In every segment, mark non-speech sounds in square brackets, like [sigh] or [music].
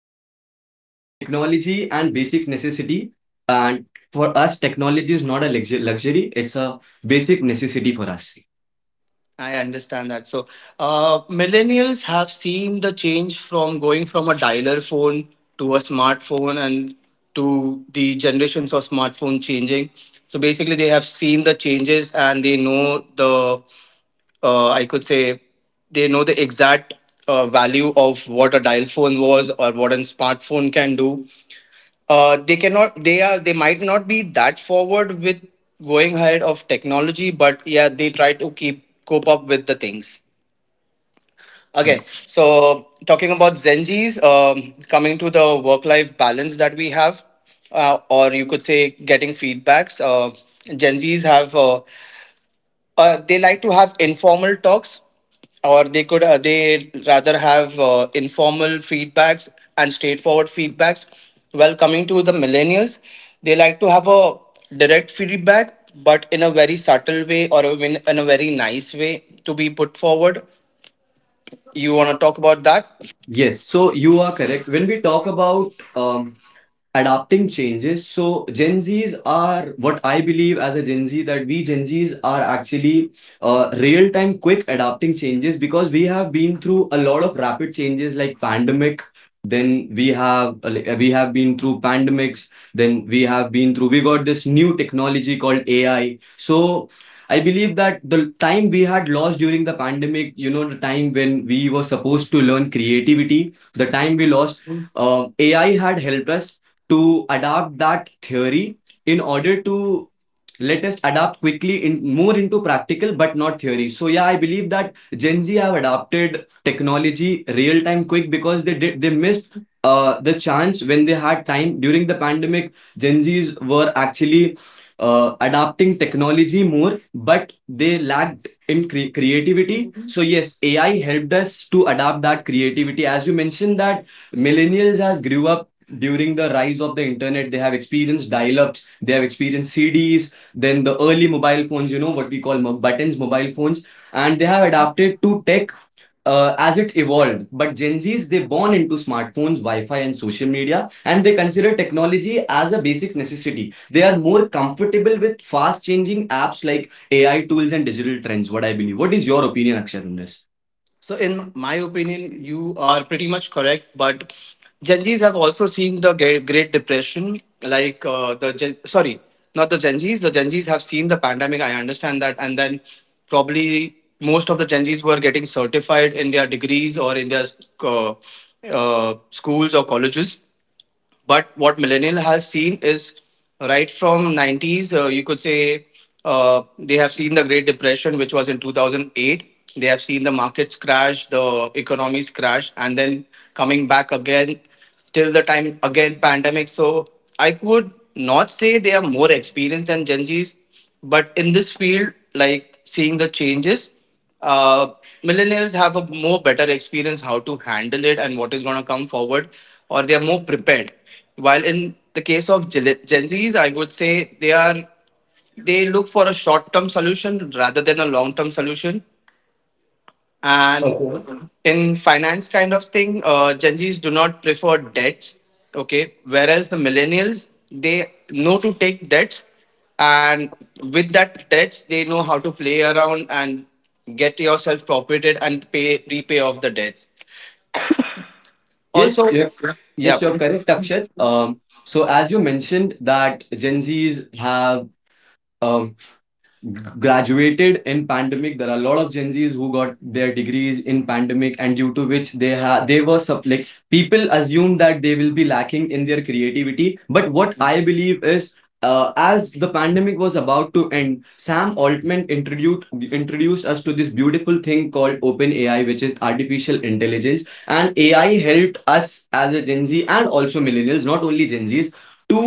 long story short, technology and basic necessity. And for us, technology is not a luxury; it's a basic necessity for us. I understand that. So, millennials have seen the change from going from a dialer phone to a smartphone and to the generations of smartphone changing. So, basically, they have seen the changes and they know the I could say they know the exact value of what a dial phone was or what a smartphone can do. They cannot. They are. They might not be that forward with going ahead of technology, but yeah, they try to keep cope up with the things. Okay, so talking about Zenjis, coming to the work-life balance that we have, or you could say getting feedbacks. Gen Zs have they like to have informal talks, or they rather have informal feedbacks and straightforward feedbacks, while coming to the millennials, they like to have a direct feedback, but in a very subtle way, or in a very nice way to be put forward. You want to talk about that? Yes, so you are correct. When we talk about adapting changes. So Gen Zs are what I believe as a Gen Z, that we Gen Zs are actually real time quick adapting changes, because we have been through a lot of rapid changes like pandemic. Then we have like, we have been through pandemics. Then we have been through we got this new technology called AI. So I believe that the time we had lost during the pandemic, the time when we were supposed to learn creativity, the time we lost, AI had helped us to adapt that theory in order to let us adapt quickly, in more into practical but not theory. So yeah, I believe that Gen Z have adapted technology real time quick, because they missed the chance. When they had time during the pandemic, Gen Z's were actually adapting technology more, but they lacked in creativity. So yes, AI helped us to adapt that creativity. As you mentioned, that millennials has grew up during the rise of the internet, they have experienced dial-ups, they have experienced CDs, then the early mobile phones, what we call buttons, mobile phones, and they have adapted to tech as it evolved. But Gen Zs, they born into smartphones, Wi-Fi, and social media, and they consider technology as a basic necessity. They are more comfortable with fast-changing apps like AI tools and digital trends, what I believe. What is your opinion, Akshar, on this? So, in my opinion, you are pretty much correct. But Gen Zs have also seen the Great Depression, like not the Gen Zs. The Gen Zs have seen the pandemic. I understand that, and then probably most of the Gen Zs were getting certified in their degrees or in their uh, schools or colleges. But what millennial has seen is right from 90s, you could say they have seen the Great Depression, which was in 2008. They have seen the markets crash, the economies crash, and then coming back again till the time again pandemic. So I would not say they are more experienced than Gen Zs, but in this field, like seeing the changes, uh, millennials have a more better experience how to handle it and what is going to come forward, or they are more prepared, while in the case of Gen Zs, I would say they are, they look for a short term solution rather than a long term solution. And Okay. in finance kind of thing, Gen Zs do not prefer debts. Okay, whereas the millennials, they know to take debts, and with that debts they know how to play around and get yourself profited and pay repay off the debts. Yes, Also, you're, yeah, yes, you're correct, Akshat. So as you mentioned, that Gen Zs have um, graduated in pandemic. There are a lot of Gen Z's who got their degrees in pandemic, and due to which they were like, people assume that they will be lacking in their creativity. But what I believe is, as the pandemic was about to end, Sam Altman introduced us to this beautiful thing called Open AI, which is artificial intelligence. And AI helped us, as a Gen Z and also millennials, not only Gen Z's, to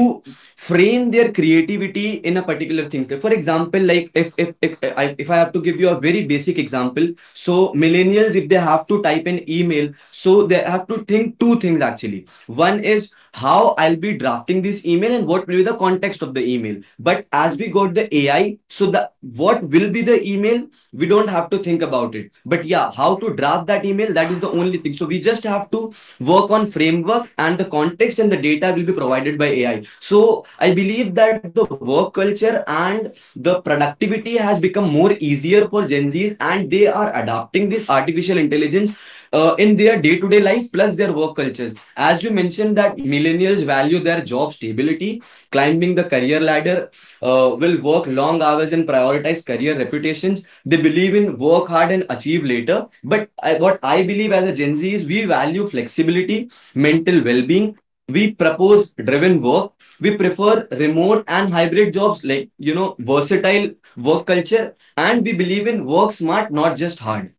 frame their creativity in a particular things. Like for example, like if I have to give you a very basic example. So millennials, if they have to type an email, so they have to think two things actually. One is how I'll be drafting this email, and what will be the context of the email. But as we got the AI, so the what will be the email, we don't have to think about it. But yeah, how to draft that email, that is the only thing. So we just have to work on framework and the context, and the data will be provided by AI. So I believe that the work culture and the productivity has become more easier for Gen Zs, and they are adopting this artificial intelligence in their day-to-day life plus their work cultures. As you mentioned, that millennials value their job stability, climbing the career ladder, will work long hours and prioritize career reputations. They believe in work hard and achieve later. But what I believe as a Gen Z is, we value flexibility, mental well being, we propose driven work, we prefer remote and hybrid jobs, like, versatile work culture, and we believe in work smart, not just hard.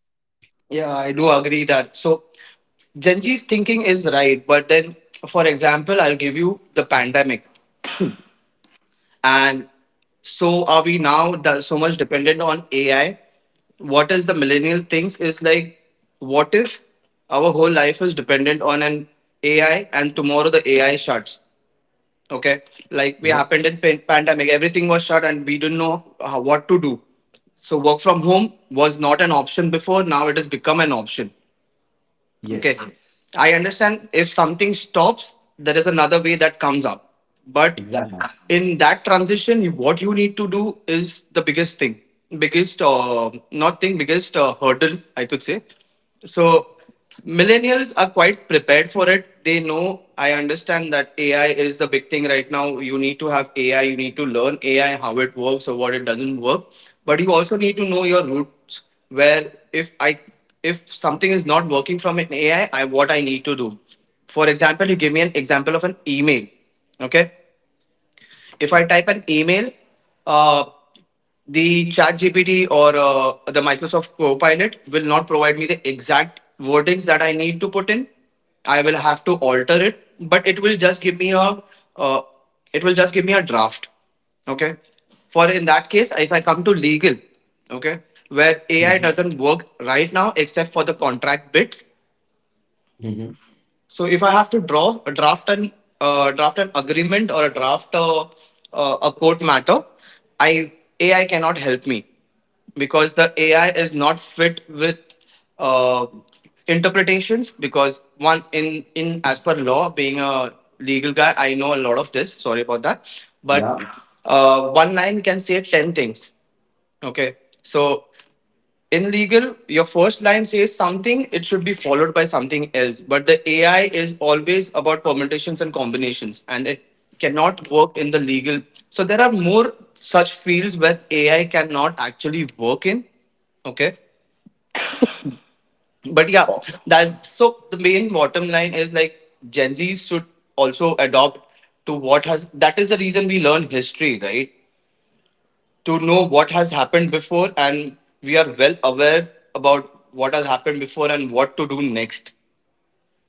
yeah, I do agree that. So Gen Z's thinking is right, but then, for example, I'll give you the pandemic. And so are we now that so much dependent on AI? What is the millennial thinks is like, what if our whole life is dependent on an AI and tomorrow the AI shuts? Okay, like we Yes. happened in pan- pandemic, everything was shut and we didn't know what to do. So work from home was not an option before. Now it has become an option. Okay. Yes. I understand if something stops, there is another way that comes up. But Exactly. in that transition, what you need to do is the biggest thing, biggest, not thing, biggest hurdle, I could say. So, millennials are quite prepared for it. They know, I understand that AI is the big thing right now. You need to have AI, you need to learn AI, how it works or what it doesn't work. But you also need to know your roots steps where if something is not working from an AI, I what I need to do. For example, you give me an example of an email. Okay. If I type an email, uh, the ChatGPT or the microsoft copilot will not provide me the exact wordings that I need to put in. I will have to alter it, but it will just give me a uh, it will just give me a draft. Okay, for in that case if I come to legal, okay, where ai Mhm. doesn't work right now except for the contract bits. Mhm. So if I have to draw draft an agreement or a a court matter, I AI cannot help me because the AI is not fit with uh, interpretations. Because one in as per law, being a legal guy, I know a lot of this. Sorry about that, but Yeah. One line can say 10 things. Okay, so in legal your first line says something, it should be followed by something else, but the ai is always about permutations and combinations and it cannot work in the legal. So there are more such fields where ai cannot actually work in. Okay, but yeah, that's, so the main bottom line is like gen z should also adopt to what has, that is the reason we learn history, right? To know what has happened before, and we are well aware about what has happened before and what to do next.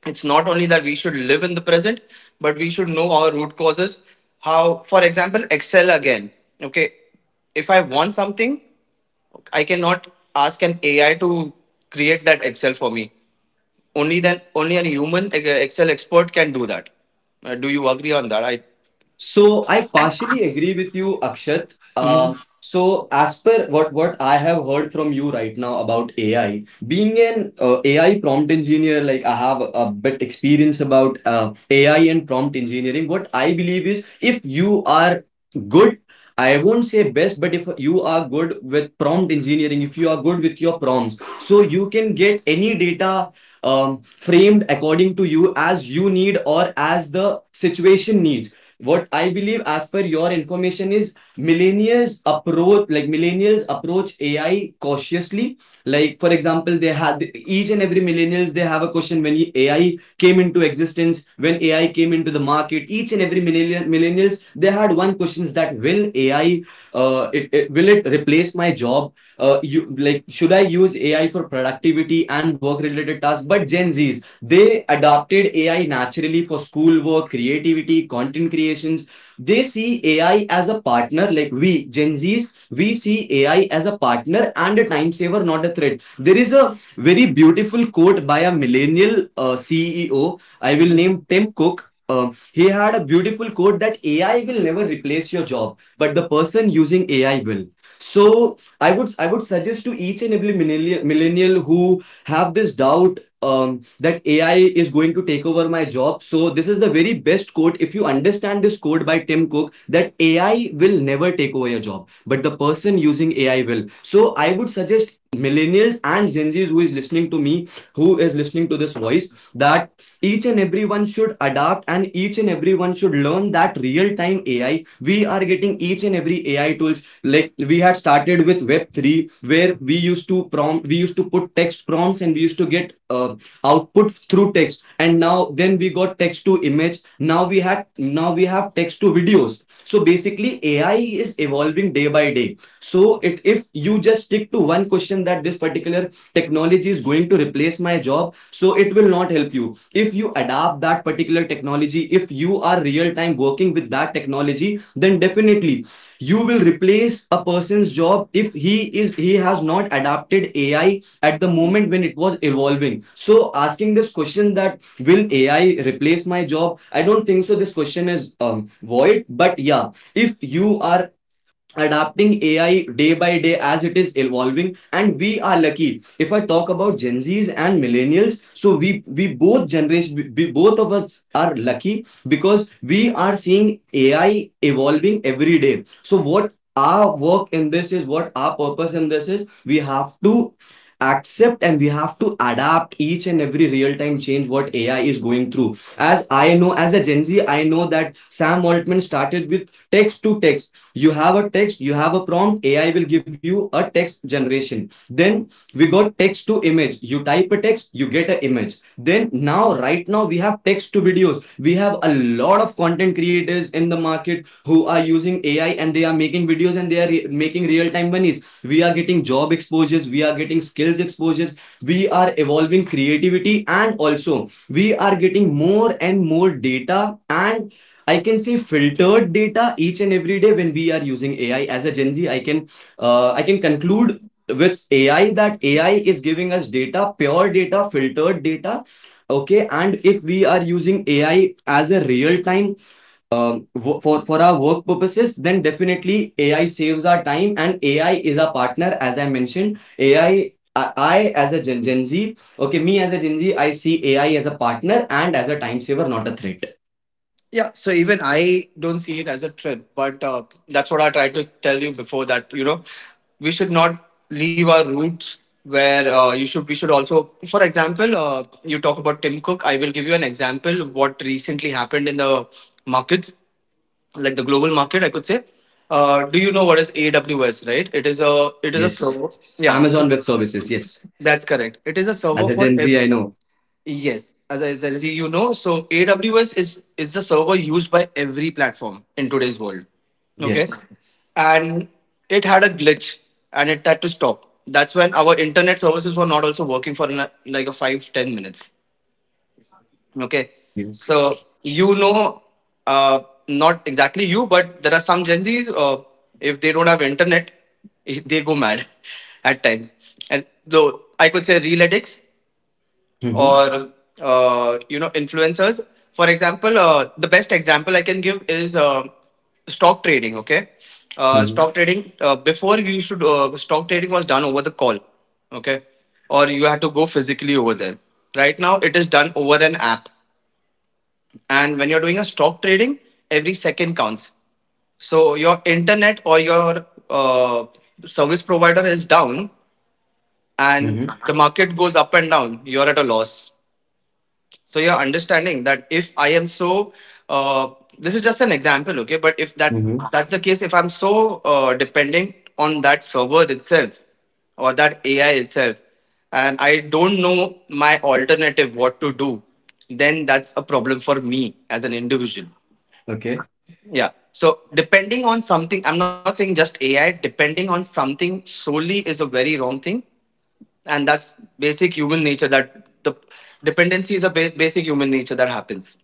It's not only that we should live in the present, but we should know our root causes. How, for example, excel again. Okay, if I want something, I cannot ask an ai to create that excel for me. Only then, only a human excel expert can do that. Do you agree on that i? So I partially agree with you, Akshat. So as per what I have heard from you right now about AI, being an AI prompt engineer, like, I have a bit experience about AI and prompt engineering. What I believe is, if you are good, I won't say best, but if you are good with prompt engineering, if you are good with your prompts, so you can get any data framed according to you, as you need or as the situation needs. What I believe, as per your information, is millennials approach AI cautiously. Like for example, they had, each and every millennials, they have a question when AI came into existence, when AI came into the market. Each and every millennial millennials they had one questions, that will AI, it, it will it replace my job? You like should I use AI for productivity and work related tasks? But Gen Zs, they adopted AI naturally for schoolwork, creativity, content creations. They see AI as a partner. Like we, Gen Zs, we see AI as a partner and a time saver, not a threat. There is a very beautiful quote by a millennial CEO. I will name Tim Cook. He had a beautiful quote, that AI will never replace your job, but the person using AI will. So I would suggest to each and every millennial who have this doubt, that AI is going to take over my job. So this is the very best quote. If you understand this quote by Tim Cook, that AI will never take over your job, but the person using AI will. So I would suggest millennials and Gen Zs who is listening to me, who is listening to this voice, that each and everyone should adapt, and each and everyone should learn that real time AI. We are getting each and every AI tools. Like, we had started with Web3, where we used to prompt, we used to put text prompts, and we used to get output through text. And now, then we got text to image. Now we had now we have text to videos. So basically, AI is evolving day by day. So if you just stick to one question, that this particular technology is going to replace my job, so it will not help you. If you adapt that particular technology, if you are real time working with that technology, then definitely you will replace a person's job, if he has not adapted AI at the moment when it was evolving. So asking this question, that will AI replace my job? I don't think so. This question is void. But yeah, if you are adapting AI day by day as it is evolving. And we are lucky. If I talk about Gen Zs and millennials, so we both generations, we both of us are lucky, because we are seeing AI evolving every day. So what our work in this is, what our purpose in this is, we have to accept and we have to adapt each and every real-time change what AI is going through. As I know, as a Gen Z, I know that Sam Altman started with text to text. You have a text, you have a prompt, AI will give you a text generation. Then we got text to image. You type a text, you get an image. Then now, right now, we have text to videos. We have a lot of content creators in the market who are using AI, and they are making videos, and they are making real time monies. We are getting job exposures, we are getting skills exposures, we are evolving creativity, and also we are getting more and more data. And I can see filtered data each and every day when we are using AI. As a Gen Z, I can conclude with AI, that AI is giving us data, pure data, filtered data. Okay, and if we are using AI as a real time, um, for our work purposes, then definitely AI saves our time and AI is our partner. As I mentioned, AI. I as a Gen Z, okay, me as a Gen Z, I see AI as a partner and as a time saver, not a threat. Yeah, so even I don't see it as a threat, but that's what I tried to tell you before, that you know we should not leave our roots, where you should we should also, for example, you talk about Tim Cook, I will give you an example what recently happened in the markets, like the global market, I could say. Do you know what is AWS, right? It is a Yes. server. Yeah, Amazon Web Services, yes. that's correct, it is a As server a for Gen Z, ev-. I know. Yes, as I said, you know, so AWS is the server used by every platform in today's world. Okay, Yes. and it had a glitch, and it had to stop. That's when our internet services were not also working for na- like a 5 10 minutes. Okay, Yes. so you know, uh, not exactly you, but there are some Gen Zs. If they don't have internet, [laughs] they go mad [laughs] at times. And though I could say real addicts, Mm-hmm. or you know influencers, for example the best example I can give is stock trading. Okay, Mm-hmm. stock trading before you should stock trading was done over the call. Okay, or you had to go physically over there. Right now it is done over an app, and when you're doing a stock trading, every second counts. So your internet or your service provider is down, and Mm-hmm. the market goes up and down, you're at a loss. So you're understanding that if I am so, uh, this is just an example, okay? But if that Mm-hmm. that's the case, if I'm so dependent on that server itself or that AI itself, and I don't know my alternative what to do, then that's a problem for me as an individual. Okay. Yeah. So depending on something, I'm not saying just AI. Depending on something solely is a very wrong thing, and that's basic human nature. That the dependency is a basic human nature that happens.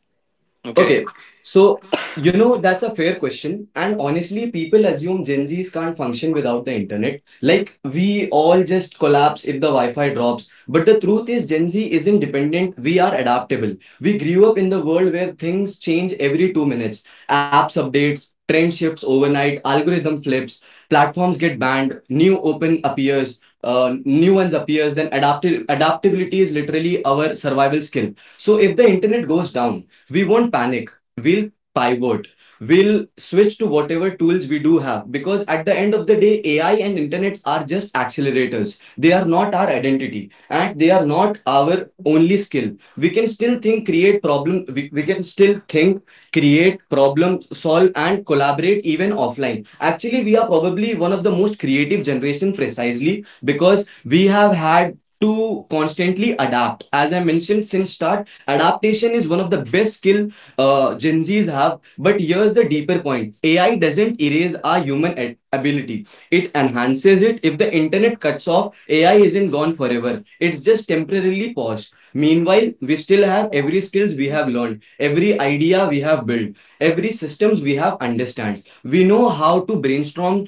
Okay. Okay, so that's a fair question, and honestly, people assume Gen Zs can't function without the internet. Like, we all just collapse if the Wi-Fi drops. But the truth is, Gen Z isn't dependent. We are adaptable. We grew up in the world where things change every 2 minutes. Apps updates, trend shifts overnight, algorithm flips, platforms get banned, new ones appears. Then adapti adaptability is literally our survival skill. So if the internet goes down, we won't panic, we'll pivot, we'll switch to whatever tools we do have, because at the end of the day, AI and internet are just accelerators. They are not our identity, and they are not our only skill. We can still think, create, problem solve, and collaborate, even offline. Actually, we are probably one of the most creative generation, precisely because we have had to constantly adapt, as I mentioned since start. Adaptation is one of the best skill Gen Zs have. But here's the deeper point: AI doesn't erase our human ability; it enhances it. If the internet cuts off, AI isn't gone forever. It's just temporarily paused. Meanwhile, we still have every skills we have learned, every idea we have built, every systems we have understand. We know how to brainstorm,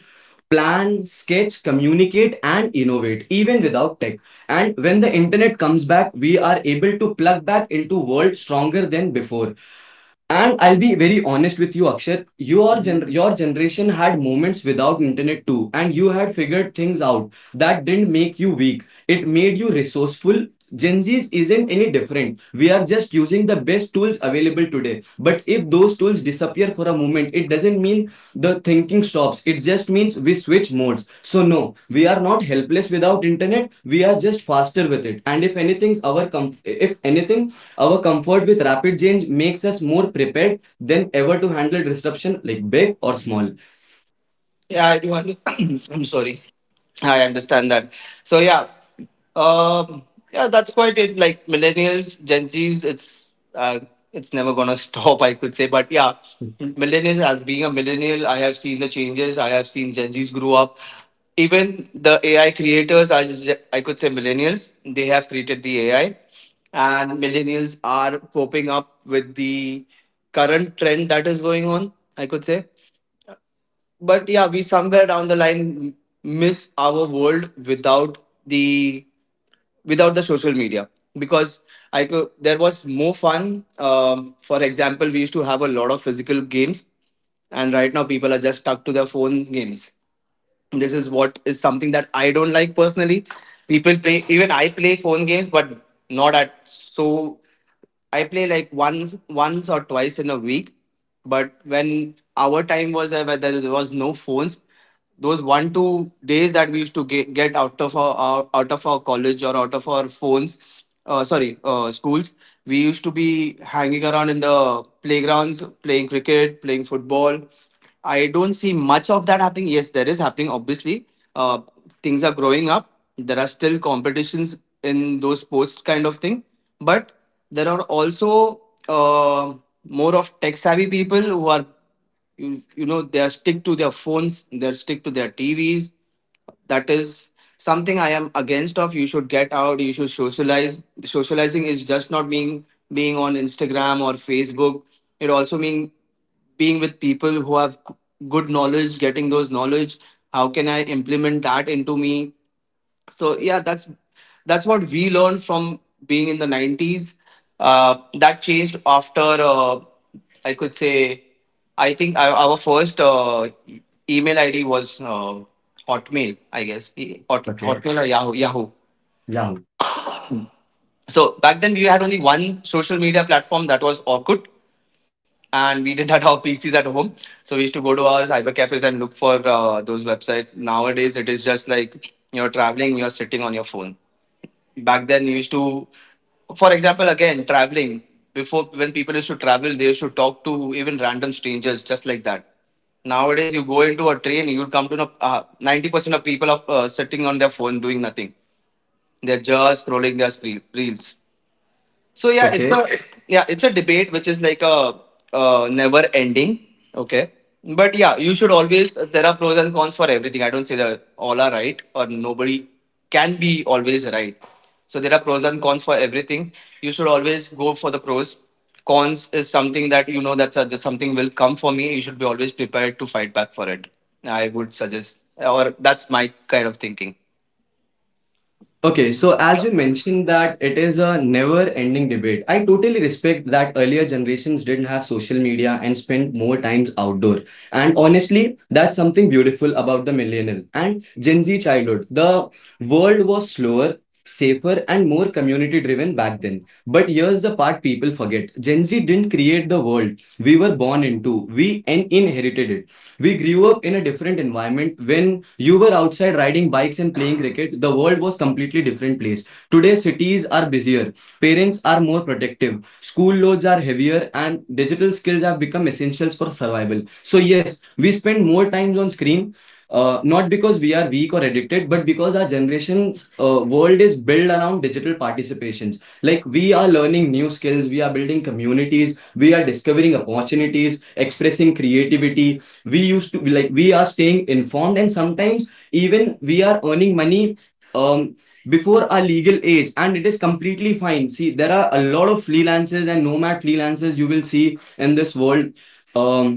plan, sketch, communicate, and innovate, even without tech. And when the internet comes back, we are able to plug back into the world stronger than before. And I'll be very honest with you, Akshat. Your gen your generation had moments without internet too, and you had figured things out. That didn't make you weak. It made you resourceful. Gen Z's isn't any different. We are just using the best tools available today. But if those tools disappear for a moment, it doesn't mean the thinking stops. It just means we switch modes. So no, we are not helpless without internet. We are just faster with it. And if anything's, our com if anything, our comfort with rapid change makes us more prepared than ever to handle disruption, like big or small. Yeah, I do. Under- [clears throat] I'm sorry. I understand that. So yeah, um, yeah, that's quite it. Like millennials, Gen Zs, it's never gonna [laughs] stop. I could say, but yeah, millennials. As being a millennial, I have seen the changes. I have seen Gen Zs grow up. Even the AI creators are, ge- I could say, millennials. They have created the AI, and millennials are coping up with the current trend that is going on. I could say, but yeah, we somewhere down the line miss our world without the without the social media. Because I could There was more fun. For example, we used to have a lot of physical games, and right now people are just stuck to their phone games. This is what is something that I don't like personally. People play, even I play phone games, but not at so. I play like once or twice in a week. But when our time was there where there was no phones, those 1 2 days that we used to get out of our out of our college or out of our phones, sorry, schools, we used to be hanging around in the playgrounds playing cricket, playing football. I don't see much of that happening. Yes, there is happening. Obviously, uh, things are growing up. There are still competitions in those sports kind of thing, but there are also uh, more of tech savvy people who are, they are stick to their phones. They are stick to their TVs. That is something I am against. Of you should get out. You should socialize. Socializing is just not being on Instagram or Facebook. It also mean being with people who have good knowledge, getting those knowledge. How can I implement that into me? So yeah, that's what we learned from being in the 90s. That changed after I could say, I think our first email id was hotmail, I guess. Okay. Hotmail or yahoo. Yeah. So back then we had only one social media platform, that was Orkut, and we didn't [laughs] have our PCs at home, so we used to go to our cyber cafes and look for those websites. Nowadays, it is just like you're traveling, you're sitting on your phone. Back then, you used to, for example, again traveling, before, when people used to travel, they used to talk to even random strangers just like that. Nowadays, you go into a train, you'll come to know 90% of people are sitting on their phone doing nothing. They're just scrolling their screen, reels. So Okay. Yeah, it's a debate which is like a never ending. Okay, but yeah, you should always. There are pros and cons for everything. I don't say that all are right or nobody can be always right. So there are pros and cons for everything. You should always go for the pros. Cons is something that you know that there's something will come for me. You should be always prepared to fight back for it. I would suggest, or that's my kind of thinking. Okay, so as you mentioned that it is a never-ending debate, I totally respect that earlier generations didn't have social media and spent more times outdoor. And honestly, that's something beautiful about the millennial and Gen Z childhood. The world was slower, safer, and more community-driven back then. But here's the part people forget. Gen Z didn't create the world we were born into. We inherited it. We grew up in a different environment. When you were outside riding bikes and playing cricket, the world was completely different place. Today, cities are busier, parents are more protective, school loads are heavier, and digital skills have become essentials for survival. So yes, we spend more times on screen, not because we are weak or addicted, but because our generation's world is built around digital participations. Like, we are learning new skills, we are building communities, we are discovering opportunities, expressing creativity, we used to like we are staying informed, and sometimes even we are earning money um before our legal age, and it is completely fine. See, there are a lot of freelancers and nomad freelancers you will see in this world. um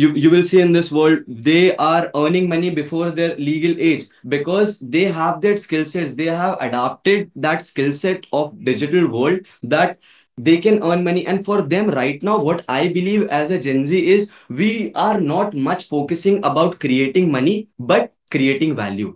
you will see in this world, they are earning money before their legal age because they have that skill sets. They have adapted that skill set of digital world, that they can earn money. And for them, right now, what I believe as a Gen Z is, we are not much focusing about creating money, but creating value.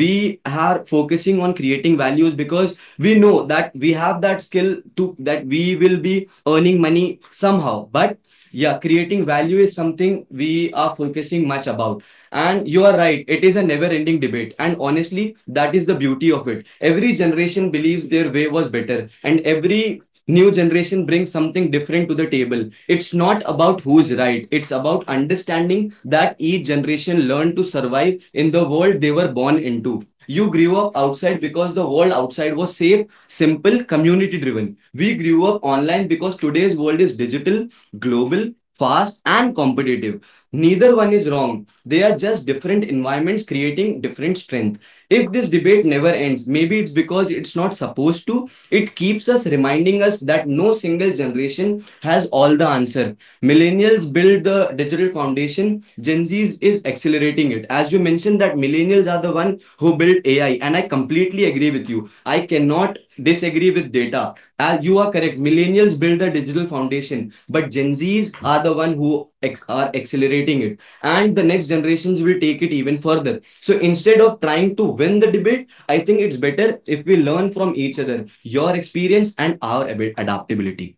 We are focusing on creating values because we know that we have that skill to, that we will be earning money somehow. But yeah, creating value is something we are focusing much about. And you are right, it is a never ending debate. And honestly, that is the beauty of it. Every generation believes their way was better, and every new generation brings something different to the table. It's not about who's right, it's about understanding that each generation learned to survive in the world they were born into. You grew up outside because the world outside was safe, simple, community driven. We grew up online because today's world is digital, global, fast, and competitive. Neither one is wrong. They are just different environments creating different strength. If this debate never ends, maybe it's because it's not supposed to. It keeps us reminding us that no single generation has all the answer. Millennials build the digital foundation. Gen Z's is accelerating it. As you mentioned that millennials are the one who built AI, and I completely agree with you. I cannot disagree with data. You are correct. Millennials build the digital foundation, but Gen Z's are the one who are accelerating it, and the next generations will take it even further. So instead of trying to win the debate, I think it's better if we learn from each other, your experience and our adaptability.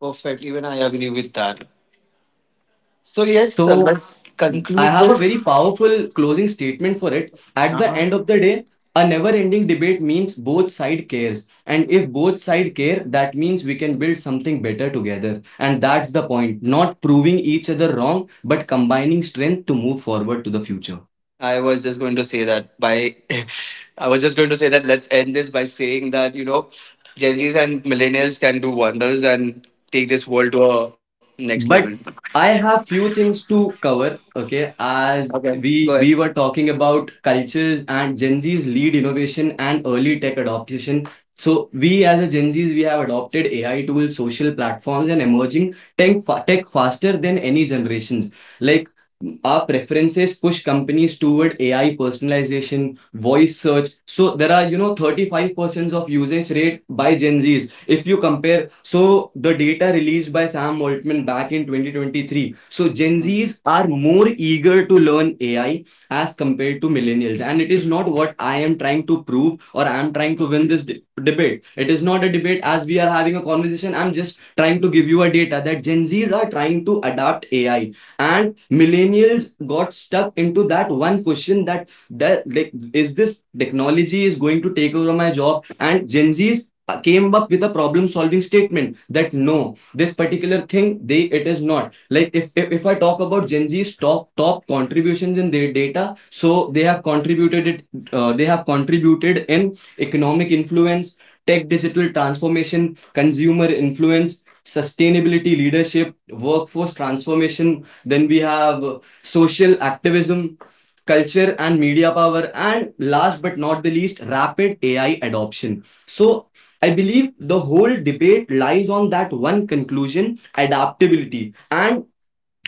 Perfect. Even I agree with that. So yes, So let's I conclude have a this. very powerful closing statement for it. At the Uh-huh. end of the day, a never ending debate means both side cares. And if both side care, that means we can build something better together. And that's the point, not proving each other wrong, but combining strength to move forward to the future. I was just going to say that by, [laughs] I was just going to say that let's end this by saying that, you know, Gen Zs and millennials can do wonders and take this world to a next level. But I have few things to cover, okay? As Okay, go ahead. we were talking about cultures and Gen Z's lead innovation and early tech adoption. So we as a Gen Z's, we have adopted AI tools, social platforms, and emerging tech faster than any generations. Like, our preferences push companies toward AI personalization, voice search. So there are, you know, 35% of usage rate by Gen Zs. If you compare, so the data released by Sam Altman back in 2023, so Gen Zs are more eager to learn AI as compared to millennials. And it is not what I am trying to prove or I am trying to win this debate. It is not a debate, as we are having a conversation. I'm just trying to give you a data that Gen Zs are trying to adapt AI, and millennials got stuck into that one question, that like, is this technology is going to take over my job. And Gen Zs came up with a problem solving statement that, no, this particular thing, they, it is not like. If I talk about Gen Z's top contributions in their data, so they have contributed it, they have contributed in economic influence, tech digital transformation, consumer influence, sustainability leadership, workforce transformation. Then we have social activism, culture and media power, and last but not the least, rapid AI adoption. So I believe the whole debate lies on that one conclusion, adaptability. And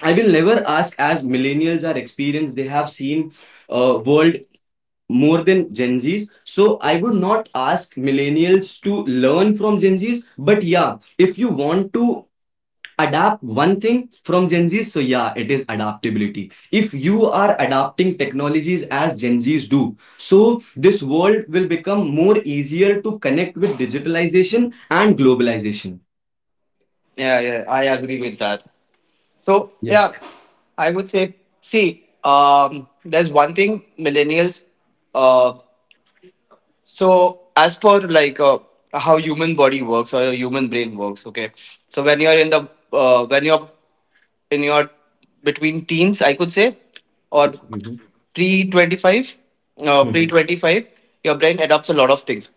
I will never ask, as millennials are experienced, they have seen world more than Gen Zs. So I would not ask millennials to learn from Gen Zs. But yeah, if you want to adapt one thing from Gen Zs, so yeah, it is adaptability. If you are adapting technologies as Gen Zs do, so this world will become more easier to connect with digitalization and globalization. Yeah, yeah, I agree with that. So yeah, Yes. I would say, see, there's one thing millennials, uh, so as per like how human body works or your human brain works, okay. So when you're in the when you're in your between teens, I could say, or Mhm. pre 25, uh, pre Mhm. 25, your brain adopts a lot of things.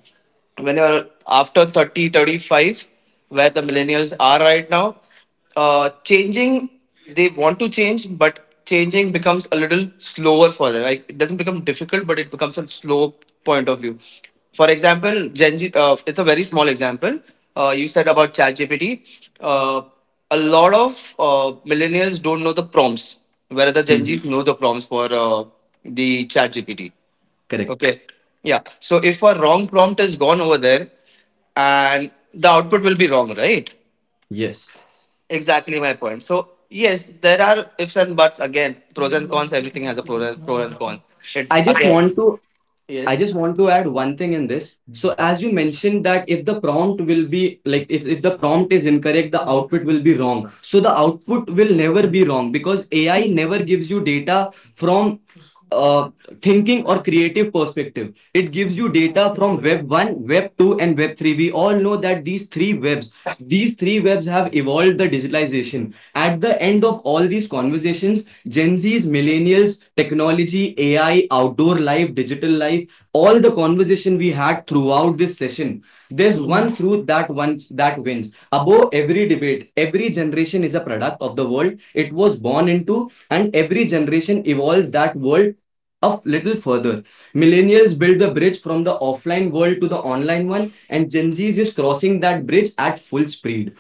When you're after 35, where the millennials are right now, changing, they want to change, but changing becomes a little slower for them. Like, it doesn't become difficult, but it becomes a slow point of view. For example, Gen Z, it's a very small example. You said about ChatGPT. A lot of millennials don't know the prompts, whereas the Gen Zs Mhm. know the prompts for the chat GPT. Correct. Okay. Yeah. So if a wrong prompt is gone over there, and the output will be wrong, right? Yes. Exactly my point. So yes, there are ifs and buts, again, pros and cons, everything has a pro and, con. It I just again want to I yes. just want to add one thing in this. Mm-hmm. So as you mentioned that if the prompt will be, like, if the prompt is incorrect, the output will be wrong. So the output will never be wrong because AI never gives you data from uh, thinking or creative perspective. It gives you data from web 1, web 2 and web 3. We all know that these three webs have evolved the digitalization. At the end of all these conversations, Gen Z's, millennials, technology, AI, outdoor life, digital life, all the conversation we had throughout this session, there's one truth that one that wins. Above every debate, every generation is a product of the world it was born into, and every generation evolves that world up little further. Millennials build the bridge from the offline world to the online one, and Gen Z is crossing that bridge at full speed,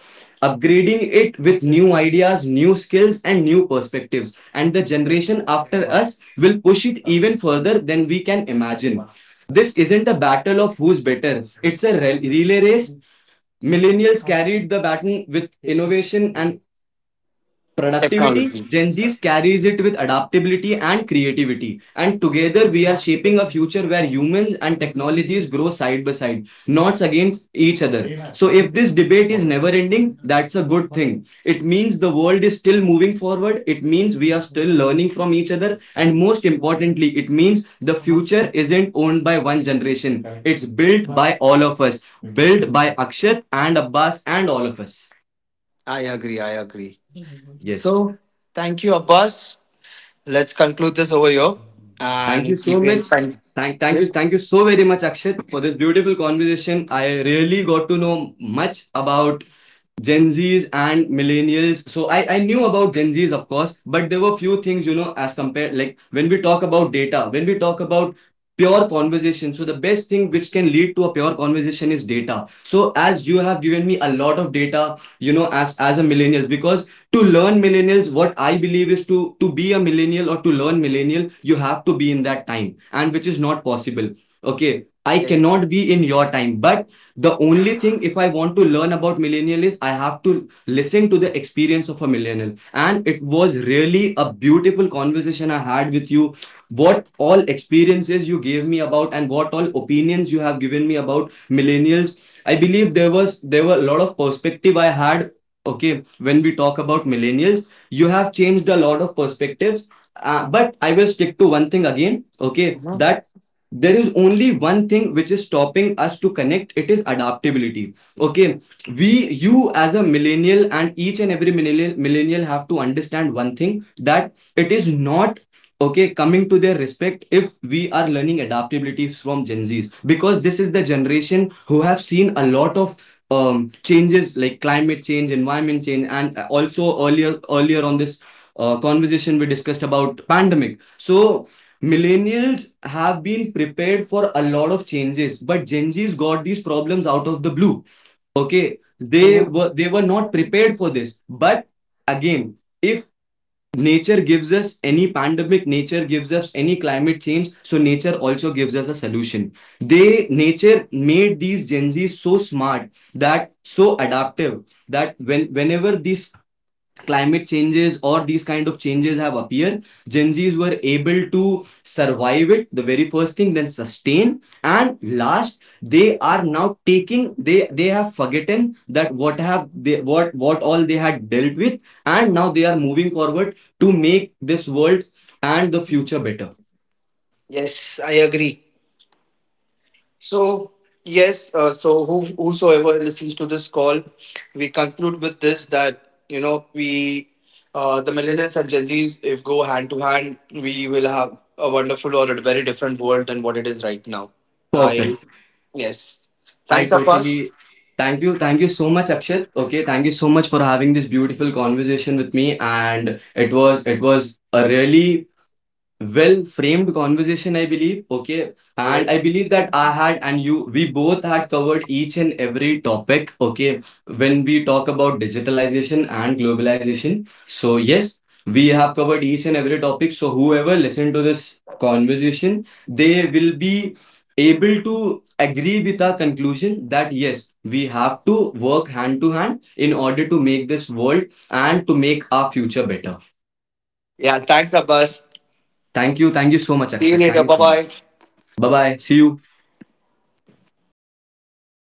upgrading it with new ideas, new skills, and new perspectives. And the generation after us will push it even further than we can imagine. This isn't a battle of who's better. It's a relay race. Millennials carried the baton with innovation and productivity. Technology. Gen Z carries it with adaptability and creativity. And together, we are shaping a future where humans and technologies grow side by side, not against each other. So if this debate is never ending, that's a good thing. It means the world is still moving forward. It means we are still learning from each other. And most importantly, it means the future isn't owned by one generation. It's built by all of us, built by Akshat and Abbas and all of us. I agree, I agree. Yes. So thank you, Abbas. Let's conclude this over here Thank you and so keep in much. con- Thank you, Yes. thank you so very much, Akshat, for this beautiful conversation. I really got to know much about Gen Zs and millennials. So I knew about Gen Zs, of course, but there were few things, you know, as compared, like when we talk about data, when we talk about pure conversation. So the best thing which can lead to a pure conversation is data. So as you have given me a lot of data, as a millennial, because to learn millennials, what I believe is to be a millennial or to learn millennial, you have to be in that time, and which is not possible. Okay. I Yes. cannot be in your time, but the only thing, if I want to learn about millennial, is I have to listen to the experience of a millennial. And it was really a beautiful conversation I had with you. What all experiences you gave me about, and what all opinions you have given me about millennials, I believe there were a lot of perspective I had. Okay, when we talk about millennials, you have changed a lot of perspectives, but I will stick to one thing again, okay? Mhm, That there is only one thing which is stopping us to connect, it is adaptability. Okay, we you as a millennial, and each and every millennial have to understand one thing, that it is not okay coming to their respect if we are learning adaptability from Gen Z's, because this is the generation who have seen a lot of changes, like climate change, environment change. And also, earlier on this conversation, we discussed about pandemic. So millennials have been prepared for a lot of changes, but Gen Z's got these problems out of the blue. Okay, they mhm. were they were not prepared for this. But again, if nature gives us any pandemic, nature gives us any climate change, so nature also gives us a solution. They Nature made these Gen Z's so smart, that so adaptive, that whenever these climate changes or these kind of changes have appeared, Gen Z's were able to survive it, the very first thing, then sustain. And last, they are now taking, they have forgotten that what all they had dealt with, and now they are moving forward to make this world and the future better. Yes, I agree. So yes, so who, whosoever listens to this call, we conclude with this that, you know, we, the millennials and Gen Zs, if go hand to hand, we will have a wonderful or a very different world than what it is right now. I Perfect. yes. I Thanks, totally Abbas. Thank you, thank you so much, Akshat. Okay, thank you so much for having this beautiful conversation with me. And it was a really well framed conversation, I believe, okay? And Yes. I believe that I had, and you we both had covered each and every topic, okay? When we talk about digitalization and globalization, so yes, we have covered each and every topic. So whoever listened to this conversation, they will be able to agree with our conclusion, that yes, we have to work hand to hand in order to make this world and to make our future better. Yeah. Thanks, Abbas. Thank you, thank you so much, See you Akshat, later. thank you Bye so much. bye. Bye bye. See you.